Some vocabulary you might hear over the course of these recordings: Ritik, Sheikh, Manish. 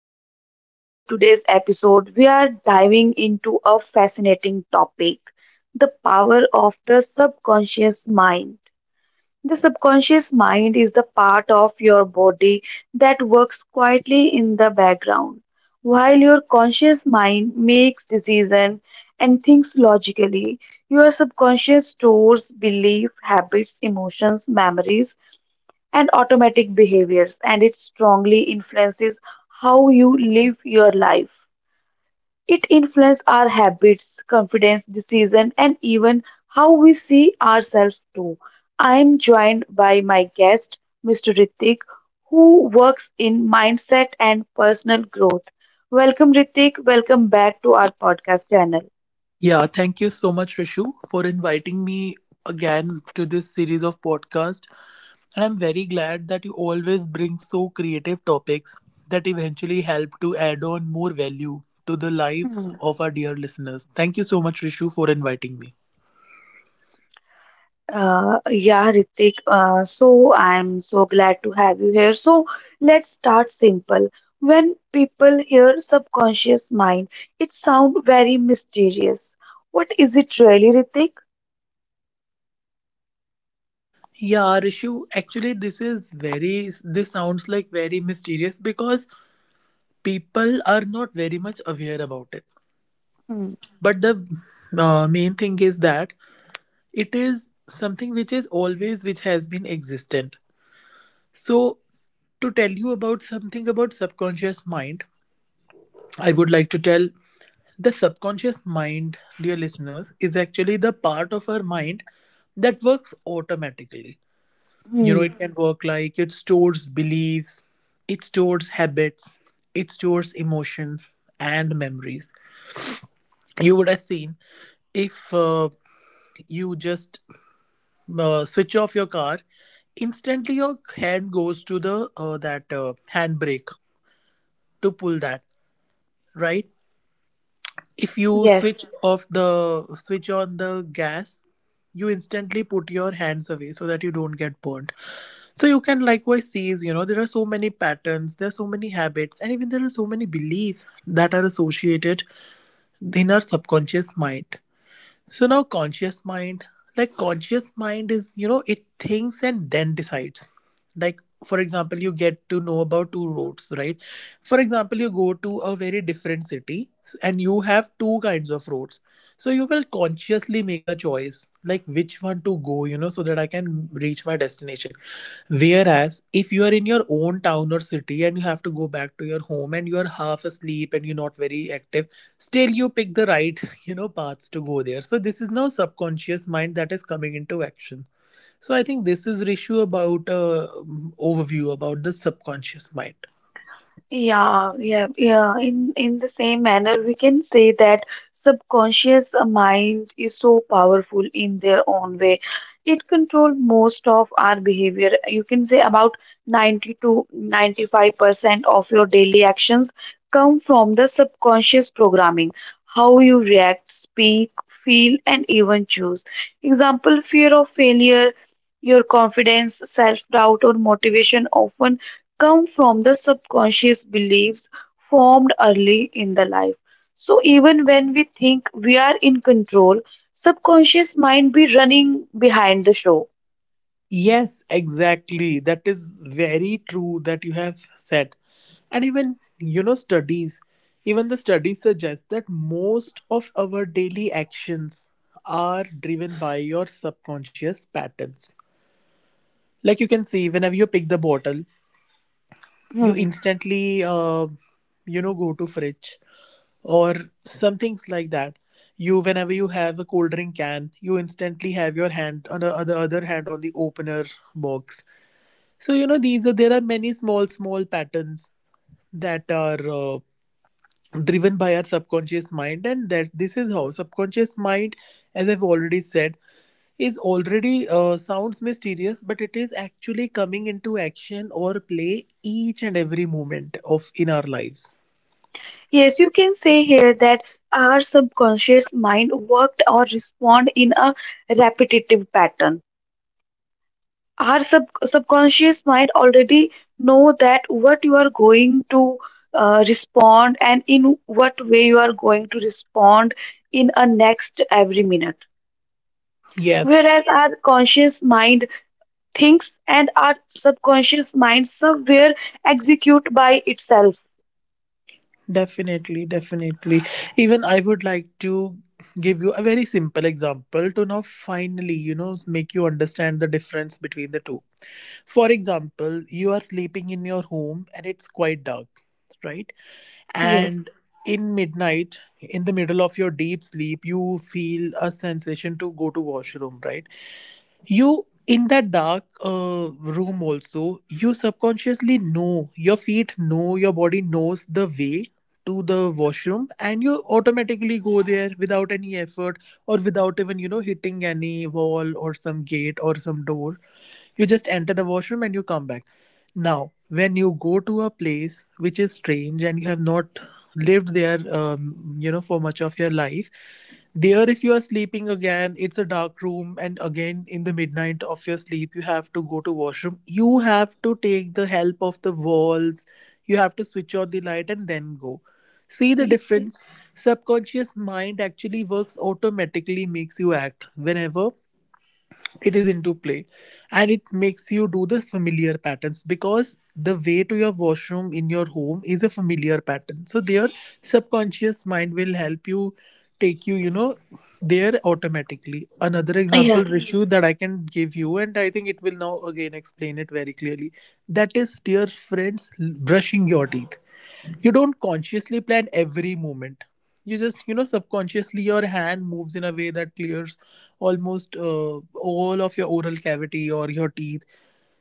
welcome everyone to today's episode. We are diving into a fascinating topic: the power of the subconscious mind. The subconscious mind is the part of your body that works quietly in the background, while your conscious mind makes decisions and thinks logically. Your subconscious stores beliefs, habits, emotions, memories, and automatic behaviors, and it strongly influences how you live your life. It influences our habits, confidence, decision, and even how we see ourselves too. I am joined by my guest, Mr. Ritik, who works in mindset and personal growth. Welcome, Ritik. Welcome back to our podcast channel. Yeah, thank you so much, Rishu, for inviting me again to this series of podcast. And I'm very glad that you always bring so creative topics that eventually help to add on more value to the lives of our dear listeners. Thank you so much, Rishu, for inviting me. Yeah, Ritik. So I'm so glad to have you here. So let's start simple. When people hear subconscious mind, it sounds very mysterious. What is it really, Ritik? Yeah, Rishu, actually, this sounds like very mysterious because people are not very much aware about it. Hmm. But the main thing is that it is something which is always which has been existent, so to tell you about something about subconscious mind, I would like to tell the subconscious mind, dear listeners, is actually the part of our mind that works automatically. You know, Hmm. it can work like it stores beliefs, it stores habits, it stores emotions and memories. You would have seen, if you just switch off your car, instantly your hand goes to the that handbrake to pull that, right? If you Yes. switch off the switch on the gas, you instantly put your hands away so that you don't get burned. So you can likewise seize, you know, there are so many patterns, there are so many habits, and even there are so many beliefs that are associated in our subconscious mind. So now conscious mind, like conscious mind is, you know, it thinks and then decides. Like, for example, you get to know about two roads, right? For example, you go to a very different city and you have two kinds of roads. So you will consciously make a choice, like which one to go, you know, so that I can reach my destination. Whereas if you are in your own town or city and you have to go back to your home and you are half asleep and you're not very active, still you pick the right you know paths to go there. So this is now subconscious mind that is coming into action. So I think this is, Rishu, about overview about the subconscious mind. Yeah, yeah, yeah. In the same manner, we can say that subconscious mind is so powerful in their own way. It control most of our behavior. You can say about 90 to 95% of your daily actions come from the subconscious programming. How you react, speak, feel, and even choose. Example, fear of failure, your confidence, self doubt, or motivation often come from the subconscious beliefs formed early in the life. So even when we think we are in control, subconscious mind be running behind the show. Yes, exactly, that is very true that you have said. And even the studies suggest that most of our daily actions are driven by your subconscious patterns. Like you can see, whenever you pick the bottle, you Hmm. instantly, you know, go to fridge or some things like that. You, whenever you have a cold drink can, you instantly have your hand on the other hand on the opener box. So you know, these are, there are many small patterns that are driven by our subconscious mind. And that, this is how subconscious mind, as I've already said, is already, sounds mysterious, but it is actually coming into action or play each and every moment of in our lives. Yes, you can say here that our subconscious mind worked or respond in a repetitive pattern. Our subconscious mind already know that what you are going to respond and in what way you are going to respond in a next every minute, Yes, whereas our conscious mind thinks and our subconscious mind somewhere execute by itself. definitely, definitely, even I would like to give you a very simple example to now finally, you know, make you understand the difference between the two. For example, you are sleeping in your home and it's quite dark, right? Yes. And in midnight, in the middle of your deep sleep, you feel a sensation to go to washroom, right? You, in that dark room also, you subconsciously know, your feet know, your body knows the way to the washroom, and you automatically go there without any effort, or without even, you know, hitting any wall or some gate or some door. You just enter the washroom and you come back. Now when you go to a place which is strange and you have not lived there you know for much of your life, there, if you are sleeping again, it's a dark room, and again in the midnight of your sleep you have to go to washroom, you have to take the help of the walls, you have to switch on the light and then go. See the difference? Subconscious mind actually works automatically, makes you act whenever it is into play. And it makes you do the familiar patterns, because the way to your washroom in your home is a familiar pattern. So their subconscious mind will help you, take you, you know, there automatically. Another Yeah. example, Rishu, that I can give you, and I think it will now again explain it very clearly. That is, dear friends, brushing your teeth. You don't consciously plan every moment. You just, you know, subconsciously your hand moves in a way that clears almost all of your oral cavity or your teeth.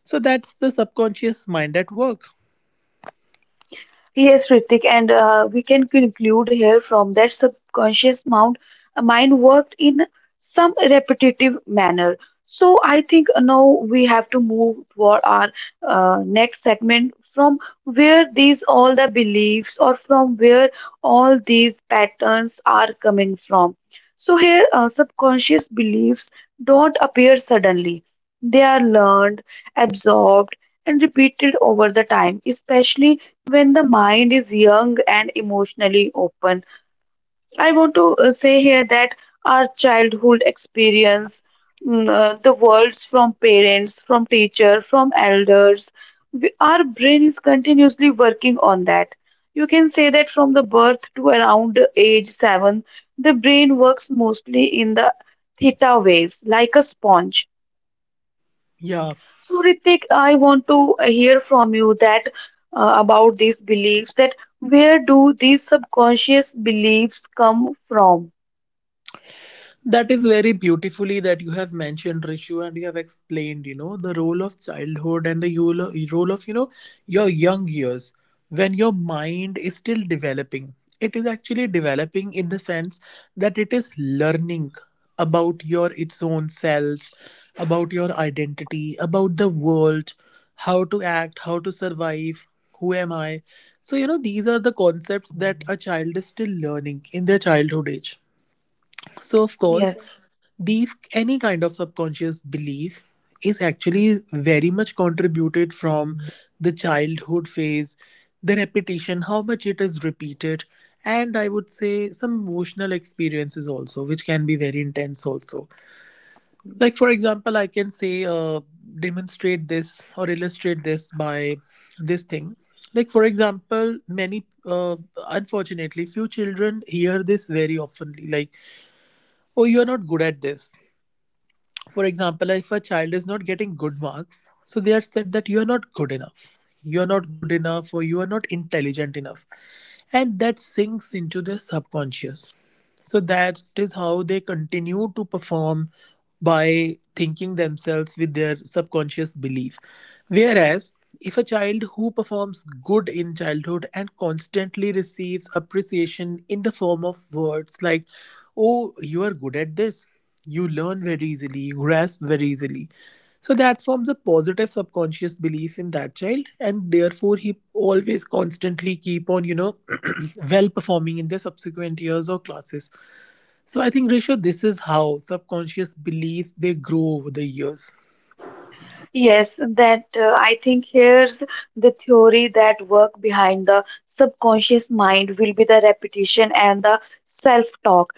So that's the subconscious mind at work. Yes, Ritik, and we can conclude here from that subconscious mind, mind worked in some repetitive manner. So I think now we have to move toward our next segment from where these all the beliefs or from where all these patterns are coming from. So here, subconscious beliefs don't appear suddenly. They are learned, absorbed, and repeated over the time, especially when the mind is young and emotionally open. I want to say here that our childhood experience, the words from parents, from teacher, from elders, we, our brain is continuously working on that. You can say that from the birth to around age 7, the brain works mostly in the theta waves, like a sponge. Yeah. So, Ritik, I want to hear from you that about these beliefs, that where do these subconscious beliefs come from? That is very beautifully that you have mentioned, Rishu, and you have explained, you know, the role of childhood and the role of, you know, your young years when your mind is still developing. It is actually developing in the sense that it is learning about your, its own self, about your identity, about the world, how to act, how to survive, who am I. So, you know, these are the concepts that a child is still learning in their childhood age. So, of course, Yes. the any kind of subconscious belief is actually very much contributed from the childhood phase, the repetition, how much it is repeated, and I would say some emotional experiences also, which can be very intense also. Like for example, I can say demonstrate this or illustrate this by this thing. Like for example, many unfortunately few children hear this very oftenly. Like, oh, you are not good at this. For example, if a child is not getting good marks, so they are said that you are not good enough, you are not good enough, or you are not intelligent enough, and that sinks into their subconscious. So that is how they continue to perform by thinking themselves with their subconscious belief. Whereas, if a child who performs good in childhood and constantly receives appreciation in the form of words like, oh, you are good at this, you learn very easily, you grasp very easily. So that forms a positive subconscious belief in that child, and therefore he always constantly keep on, you know, well performing in the subsequent years or classes. So I think, Risha, this is how subconscious beliefs they grow over the years. Yes, that I think here's the theory that work behind the subconscious mind will be the repetition and the self-talk.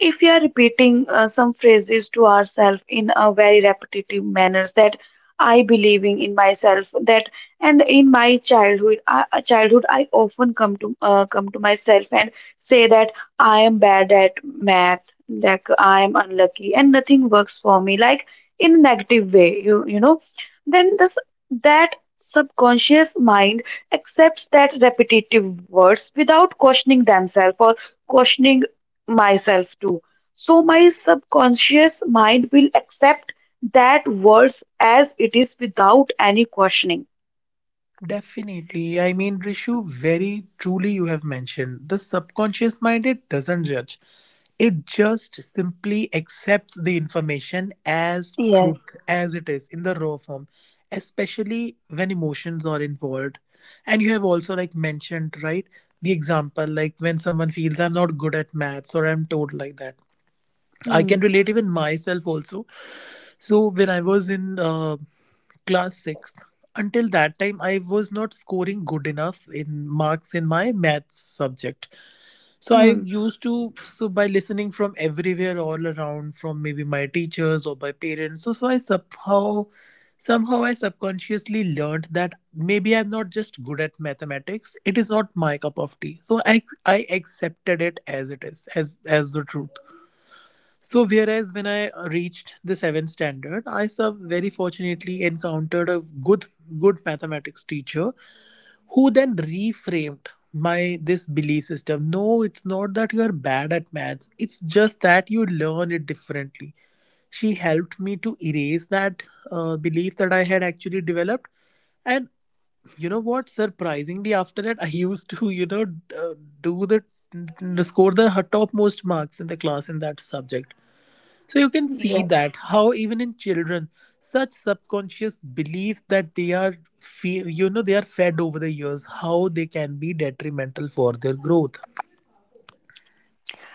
If we are repeating some phrases to ourselves in a very repetitive manners, that I believing in myself that, and in my childhood, I often come to myself and say that I am bad at math, that I am unlucky, and nothing works for me. Like, in a negative way, then this, that subconscious mind accepts that repetitive words without questioning themselves or questioning myself too. So my subconscious mind will accept that words as it is without any questioning. Definitely. I mean, Rishu, very truly you have mentioned the subconscious mind, it doesn't judge. It just simply accepts the information as Yes. truth, as it is in the raw form, especially when emotions are involved. And you have also, like, mentioned, right, the example, like when someone feels I'm not good at maths or I'm told like that. I Hmm. can relate even myself also. So when I was in class 6th, until that time I was not scoring good enough in marks in my maths subject. So I Hmm. used to, so by listening from everywhere all around, from maybe my teachers or my parents, so so I somehow somehow I subconsciously learned that maybe I'm not just good at mathematics, it is not my cup of tea. So I accepted it as it is, as the truth. So, whereas when I reached the seventh standard, I sub very fortunately encountered a good mathematics teacher who then reframed my this belief system. No, it's not that you are bad at maths. It's just that you learn it differently. She helped me to erase that belief that I had actually developed. And you know what? Surprisingly, after that, I used to, you know, do the n- score the topmost marks in the class in that subject. So you can see Yes. that how even in children, such subconscious beliefs that they are, you know, they are fed over the years, how they can be detrimental for their growth.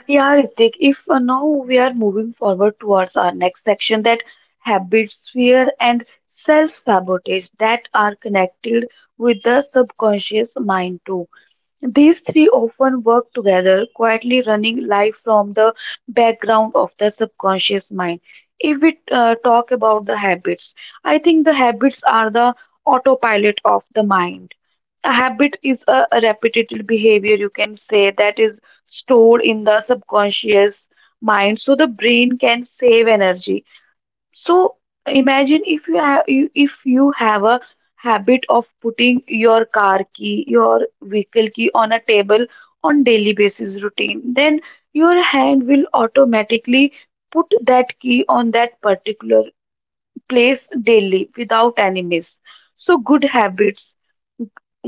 Yeah, Ritik, if now we are moving forward towards our next section, that habits, fear, and self sabotage that are connected with the subconscious mind too. These three often work together, quietly running life from the background of the subconscious mind. If we talk about the habits, I think the habits are the autopilot of the mind. A habit is a repetitive behavior, you can say, that is stored in the subconscious mind, so the brain can save energy. So imagine if you have a habit of putting your car key, your vehicle key on a table on daily basis routine, then your hand will automatically put that key on that particular place daily without enemies. So, good habits.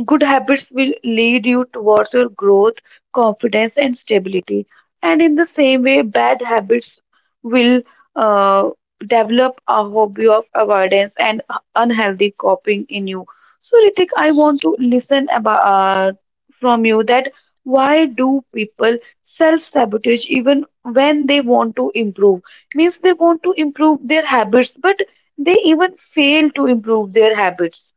Good habits will lead you towards your growth, confidence, and stability. And in the same way, bad habits will uh, develop a hobby of avoidance and unhealthy coping in you. So, Ritik, I want to listen about from you that why do people self sabotage even when they want to improve? Means they want to improve their habits, but they even fail to improve their habits.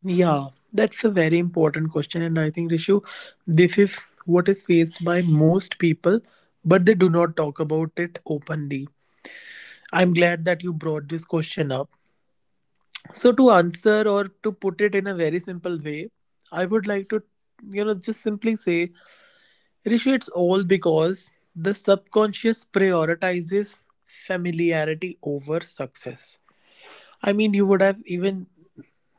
Yeah, that's a very important question, and I think, Rishu, this is what is faced by most people, but they do not talk about it openly. I'm glad that you brought this question up. So to answer or to put it in a very simple way, I would like to, you know, just simply say, Rishit, it's all because the subconscious prioritizes familiarity over success. I mean, you would have even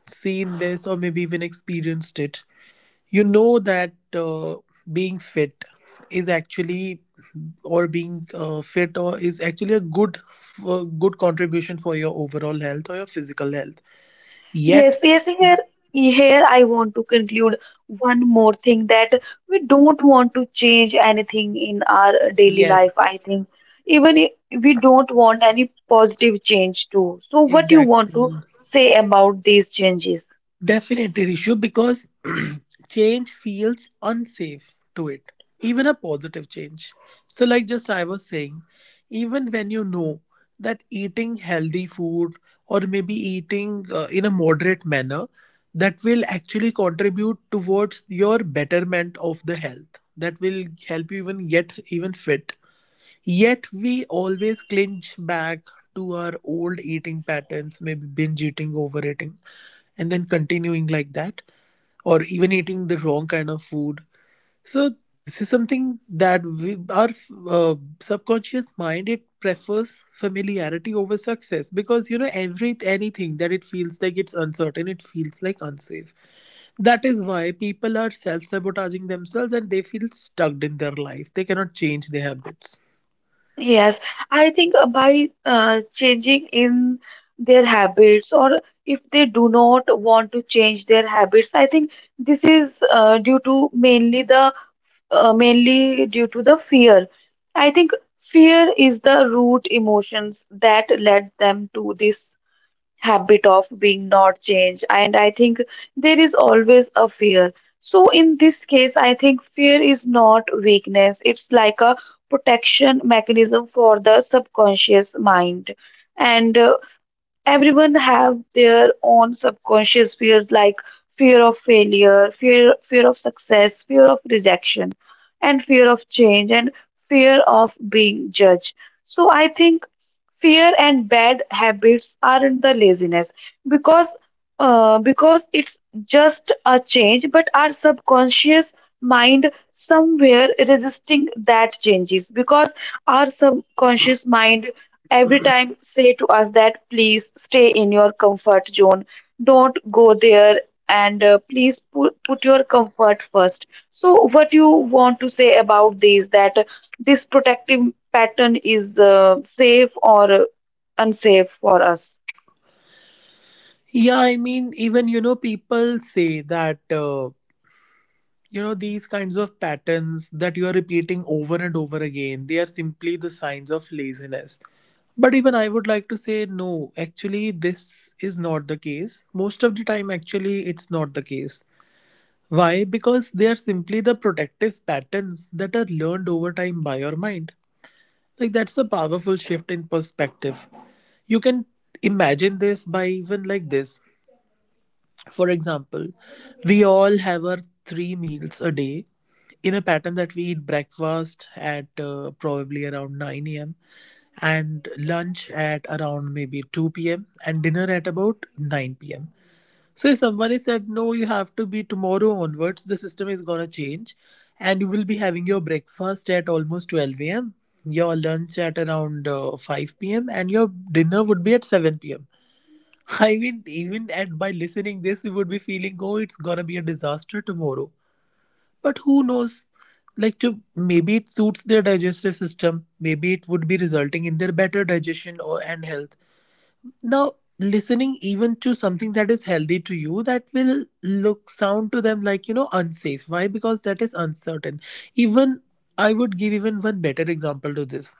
seen this or maybe even experienced it. You know that being fit is actually, or being fit or is actually a good good contribution for your overall health or your physical health. Yet, Yes, yes, here I want to conclude one more thing, that we don't want to change anything in our daily life, yes, I think. Even if we don't want any positive change too. So what you want to exactly. say about these changes? Definitely, Rishu, because change feels unsafe to it, even a positive change. So, like just I was saying, even when you know that eating healthy food or maybe eating in a moderate manner, that will actually contribute towards your betterment of the health. That will help you even get even fit. Yet we always clinch back to our old eating patterns, maybe binge eating, overeating and then continuing like that or even eating the wrong kind of food. So this is something that our subconscious mind, it prefers familiarity over success, because you know every anything that it feels like it's uncertain, it feels like unsafe. That is why people are self-sabotaging themselves and they feel stuck in their life. They cannot change their habits. Yes, I think by changing in their habits, or if they do not want to change their habits, I think this is due to mainly the mainly due to the fear. I think fear is the root emotions that led them to this habit of being not changed, and I think there is always a fear. So in this case, I think fear is not weakness, it's like a protection mechanism for the subconscious mind. And everyone have their own subconscious fears, like fear of failure, fear of success, fear of rejection, and fear of change, and fear of being judged. So I think fear and bad habits aren't the laziness, because because it's just a change, but our subconscious mind somewhere resisting that changes, because our subconscious mind every time say to us that please stay in your comfort zone, don't go there. And please put your comfort first. So what you want to say about this, that this protective pattern is safe or unsafe for us? Yeah, I mean, even you know, people say that you know these kinds of patterns that you are repeating over and over again, they are simply the signs of laziness. But even I would like to say no, actually this is not the case. Most of the time actually it's not the case. Why? Because they are simply the protective patterns that are learned over time by your mind. Like, that's a powerful shift in perspective. You can imagine this by even like this. For example, we all have our three meals a day in a pattern, that we eat breakfast at probably around 9 a.m. and lunch at around maybe 2 p.m. and dinner at about 9 p.m. So if somebody said, no, you have to, be tomorrow onwards, the system is going to change and you will be having your breakfast at almost 12 a.m., your lunch at around 5 p.m. and your dinner would be at 7 p.m. I mean, even and by listening this, we would be feeling, oh, it's gonna be a disaster tomorrow. But who knows? Like, to maybe it suits their digestive system. Maybe it would be resulting in their better digestion or and health. Now, listening even to something that is healthy to you, that will look sound to them like you know unsafe. Why? Because that is uncertain. Even I would give even one better example to this.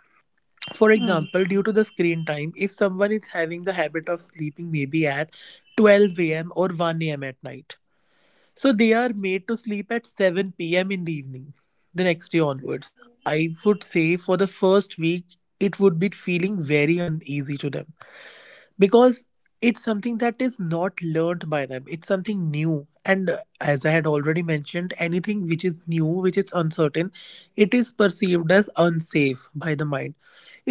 For Hmm. example, due to the screen time, if someone is having the habit of sleeping maybe at 12 a.m. or 1 a.m. at night, so they are made to sleep at 7 p.m. in the evening the next day onwards. I would say for the first week, it would be feeling very uneasy to them, because it's something that is not learned by them, it's something new. And as I had already mentioned, anything which is new, which is uncertain, it is perceived as unsafe by the mind.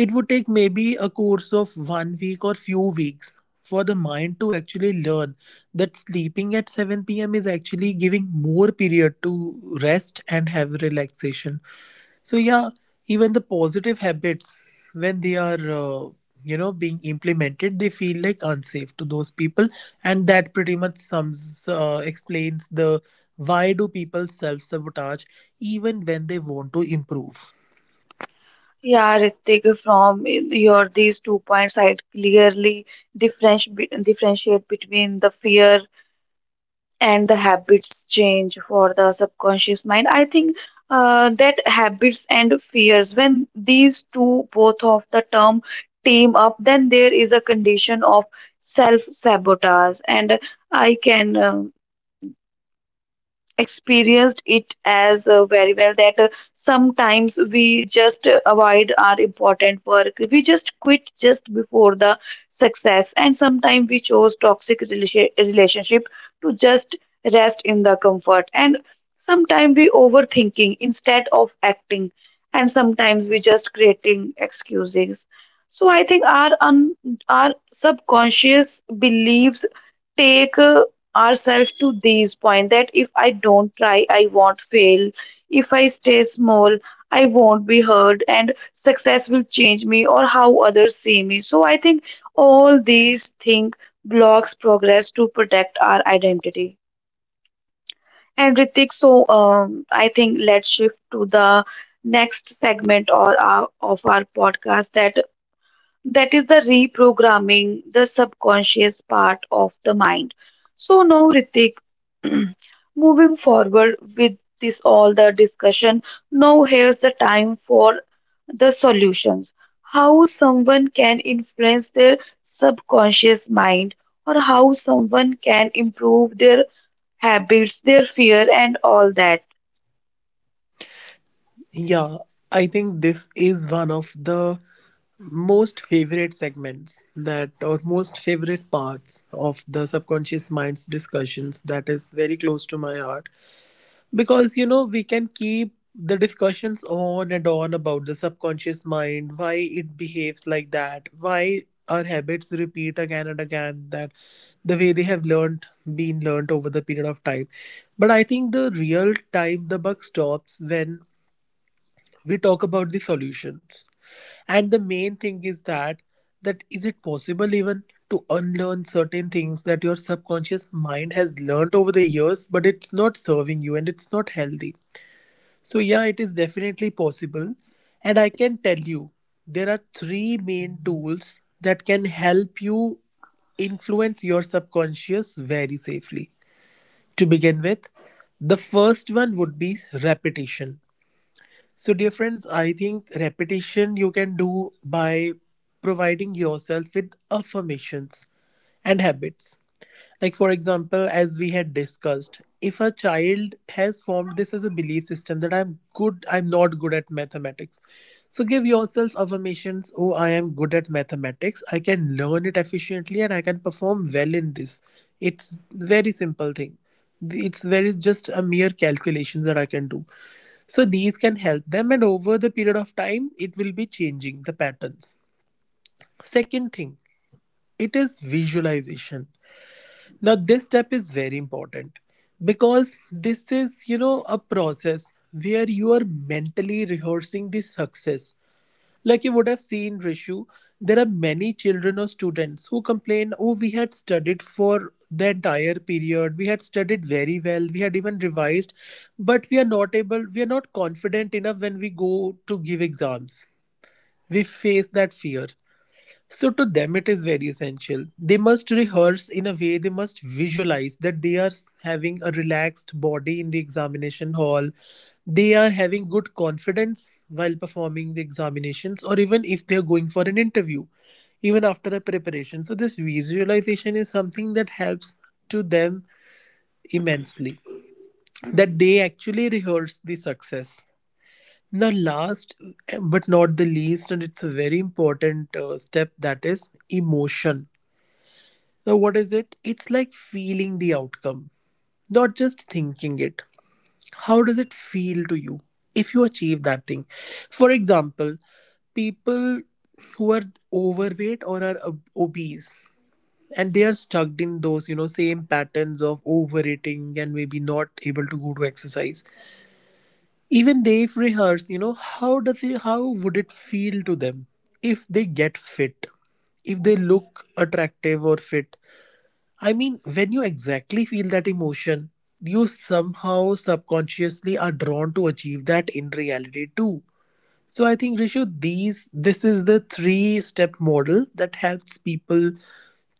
It would take maybe a course of 1 week or few weeks for the mind to actually learn that sleeping at 7 p.m. is actually giving more period to rest and have relaxation. So, yeah, even the positive habits, when they are, you know, being implemented, they feel like unsafe to those people. And that pretty much explains the why do people self sabotage even when they want to improve. Yeah, Ritik, from your these two points, I clearly differentiate between the fear and the habits change for the subconscious mind. I think that habits and fears, when these two both of the term team up, then there is a condition of self sabotage. And I can experienced it as very well, that sometimes we just avoid our important work, we just quit just before the success, and sometimes we chose toxic relationship to just rest in the comfort, and sometimes we overthinking instead of acting, and sometimes we just creating excuses. So I think our our subconscious beliefs take ourselves to these point, that if I don't try, I won't fail. If I stay small, I won't be heard, and success will change me or how others see me. So I think all these things blocks progress to protect our identity. And Ritik, so I think let's shift to the next segment or of our podcast, that is the reprogramming the subconscious part of the mind. So now, Ritik, moving forward with this all the discussion, now here's the time for the solutions. How someone can influence their subconscious mind, or how someone can improve their habits, their fear, and all that. Yeah, I think this is one of the most favorite segments that, or most favorite parts of the subconscious mind's discussions, that is very close to my heart, because you know we can keep the discussions on and on about the subconscious mind, why it behaves like that, why our habits repeat again and again, that the way they have learned been learned over the period of time. But I think the real time the buck stops when we talk about the solutions. And the main thing is that, that is it possible even to unlearn certain things that your subconscious mind has learned over the years but it's not serving you and it's not healthy. So yeah, it is definitely possible. And I can tell you, there are three main tools that can help you influence your subconscious very safely. To begin with, the first one would be repetition. So, dear friends, I think repetition you can do by providing yourself with affirmations and habits. Like, for example, as we had discussed, if a child has formed this as a belief system that I'm not good at mathematics. So give yourself affirmations, oh, I am good at mathematics, I can learn it efficiently, and I can perform well in this. It's very simple thing. It's very just a mere calculations that I can do. So these can help them, and over the period of time, it will be changing the patterns. Second thing, it is visualization. Now, this step is very important because this is, you know, a process where you are mentally rehearsing the success. Like you would have seen, Rishu, there are many children or students who complain, oh, we had studied for the entire period, we had studied very well, we had even revised, but we are not confident enough when we go to give exams. We face that fear. So to them, it is very essential. They must rehearse in a way, they must visualize that they are having a relaxed body in the examination hall. They are having good confidence while performing the examinations, or even if they are going for an interview, even after a preparation. So, this visualization is something that helps to them immensely, that Hmm. they actually rehearse the success. Now, last but not the least, and it's a very important step, that is emotion. Now, what is it? It's like feeling the outcome, not just thinking it. How does it feel to you if you achieve that thing? For example, people who are overweight or are obese and they are stuck in those you know same patterns of overeating and maybe not able to go to exercise, even they if rehearse, you know, how would it feel to them if they get fit, if they look attractive or fit. I mean, when you exactly feel that emotion, you somehow subconsciously are drawn to achieve that in reality too. So I think Rishu, these this is the three-step model that helps people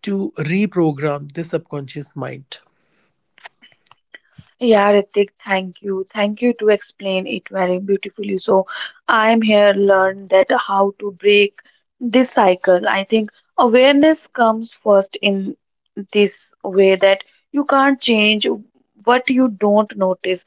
to reprogram the subconscious mind. Yeah, Ritik, thank you. Thank you to explain it very beautifully. So I'm here learn that how to break this cycle. I think awareness comes first in this way, that you can't change what you don't notice.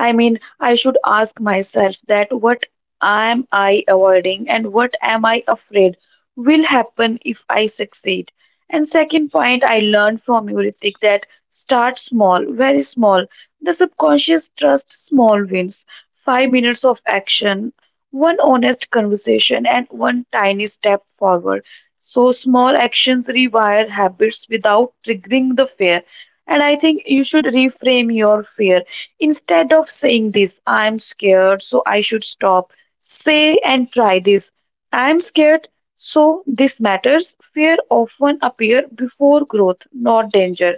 I mean, I should ask myself that what am I avoiding and what am I afraid will happen if I succeed. And second point I learned from you, Ritik, that start small, very small. The subconscious trusts small wins, 5 minutes of action, one honest conversation, and one tiny step forward. So small actions rewire habits without triggering the fear. And I think you should reframe your fear. Instead of saying this, I'm scared, so I should stop, say and try this. I'm scared, so this matters. Fear often appear before growth, not danger.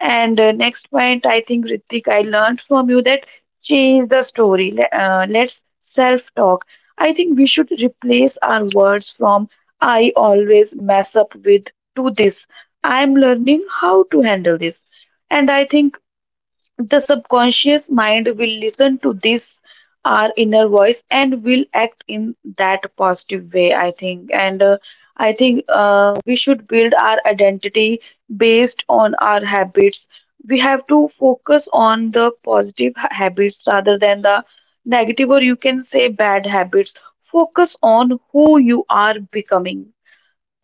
And next point, I think, Ritik, I learned from you, that change the story. Let's self talk. I think we should replace our words from I always mess up with to this. I'm learning how to handle this. And I think the subconscious mind will listen to this our inner voice and will act in that positive way, I think. And I think we should build our identity based on our habits. We have to focus on the positive habits rather than the negative, or you can say bad habits. Focus on who you are becoming.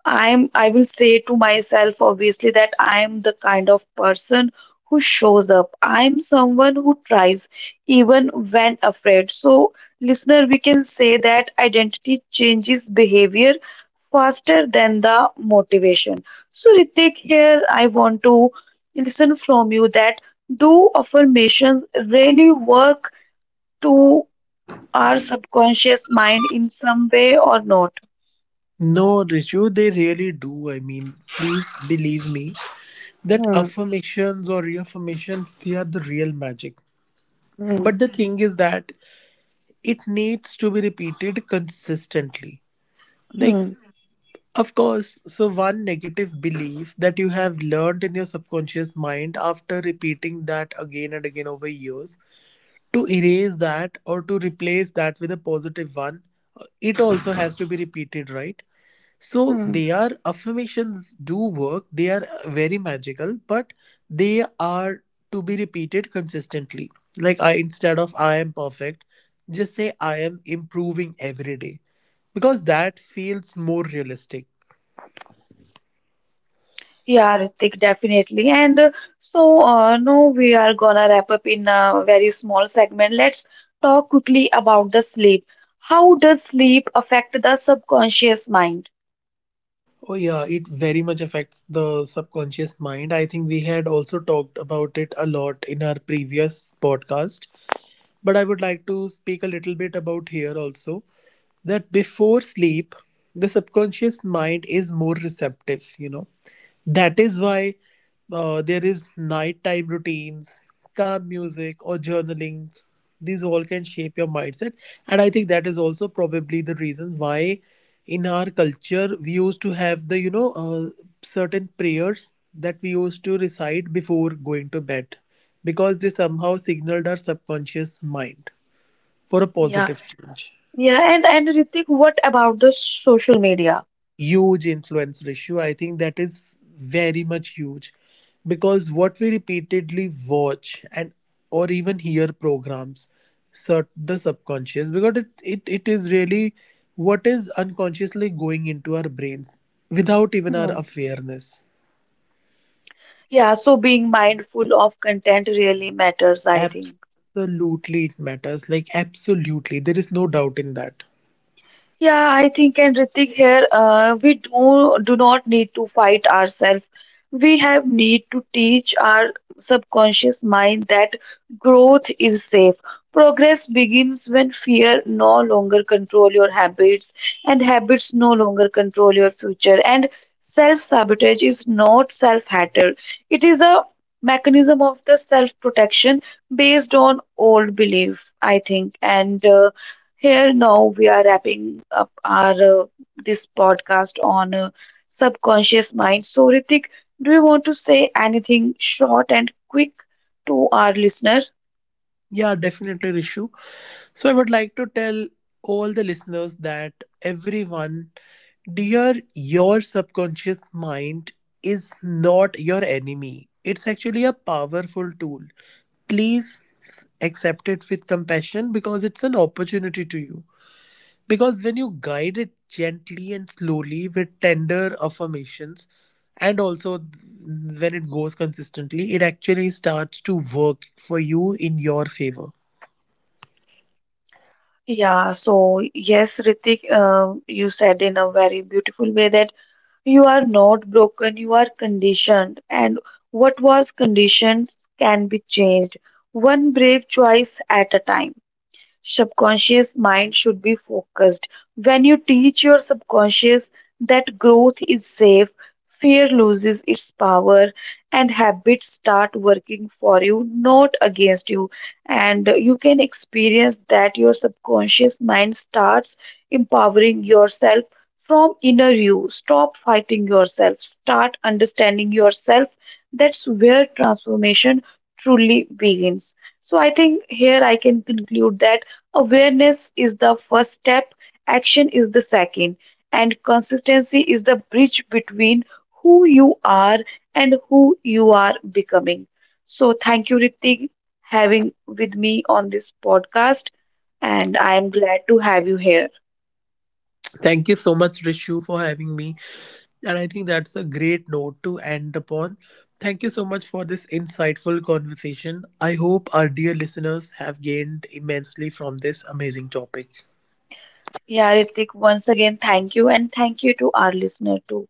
I will say to myself obviously that I'm the kind of person who shows up. I'm someone who tries even when afraid. So listener, we can say that identity changes behavior faster than the motivation. So Ritik, here I want to listen from you that do affirmations really work to our subconscious mind in some way or not? No, Rishu, they really do. I mean, please believe me that Hmm. affirmations or reaffirmations, they are the real magic. Hmm. But the thing is that it needs to be repeated consistently. Like, Hmm. of course, so one negative belief that you have learned in your subconscious mind after repeating that again and again over years, to erase that or to replace that with a positive one, it also has to be repeated, right? So Hmm. they are, affirmations do work, they are very magical, but they are to be repeated consistently. Like, I instead of I am perfect, just say I am improving every day, because that feels more realistic. Yeah, Ritik, definitely. And no, we are gonna wrap up in a very small segment. Let's talk quickly about the sleep. How does sleep affect the subconscious mind? Oh, yeah, it very much affects the subconscious mind. I think we had also talked about it a lot in our previous podcast, but I would like to speak a little bit about here also, that before sleep, the subconscious mind is more receptive, you know. That is why there is nighttime routines, calm music, or journaling. These all can shape your mindset. And I think that is also probably the reason why in our culture we used to have the, you know, certain prayers that we used to recite before going to bed, because they somehow signaled our subconscious mind for a Yeah, positive change. yeah. And Ritik, what about the social media? Huge influence ratio. I think that is very much huge, because what we repeatedly watch and or even hear programs sort the subconscious, because it is really what is unconsciously going into our brains without even our Hmm. awareness. Yeah, so being mindful of content really matters, I think. Absolutely, it matters. Like, absolutely. There is no doubt in that. Yeah, I think, and Ritik here, we do not need to fight ourselves. We have need to teach our subconscious mind that growth is safe. Progress begins when fear no longer control your habits and habits no longer control your future. And self-sabotage is not self-hatred. It is a mechanism of the self-protection based on old belief, I think. And here now we are wrapping up our this podcast on subconscious mind. So Ritik, do you want to say anything short and quick to our listener? Yeah, definitely, Rishu. So I would like to tell all the listeners that everyone, dear, your subconscious mind is not your enemy. It's actually a powerful tool. Please accept it with compassion, because it's an opportunity to you. Because when you guide it gently and slowly with tender affirmations, and also when it goes consistently, it actually starts to work for you in your favor. Yeah, so yes, Ritik, you said in a very beautiful way that you are not broken, you are conditioned, and what was conditioned can be changed one brave choice at a time. Subconscious mind should be focused. When you teach your subconscious that growth is safe, fear loses its power, and habits start working for you, not against you. And you can experience that your subconscious mind starts empowering yourself from inner you. Stop fighting yourself, start understanding yourself. That's where transformation truly begins. So I think here I can conclude that awareness is the first step, action is the second, and consistency is the bridge between who you are and who you are becoming. So thank you, Ritik, having with me on this podcast, and I am glad to have you here. Thank you so much, Rishu, for having me. And I think that's a great note to end upon. Thank you so much for this insightful conversation. I hope our dear listeners have gained immensely from this amazing topic. Yeah, Ritik, once again thank you, and thank you to our listener too.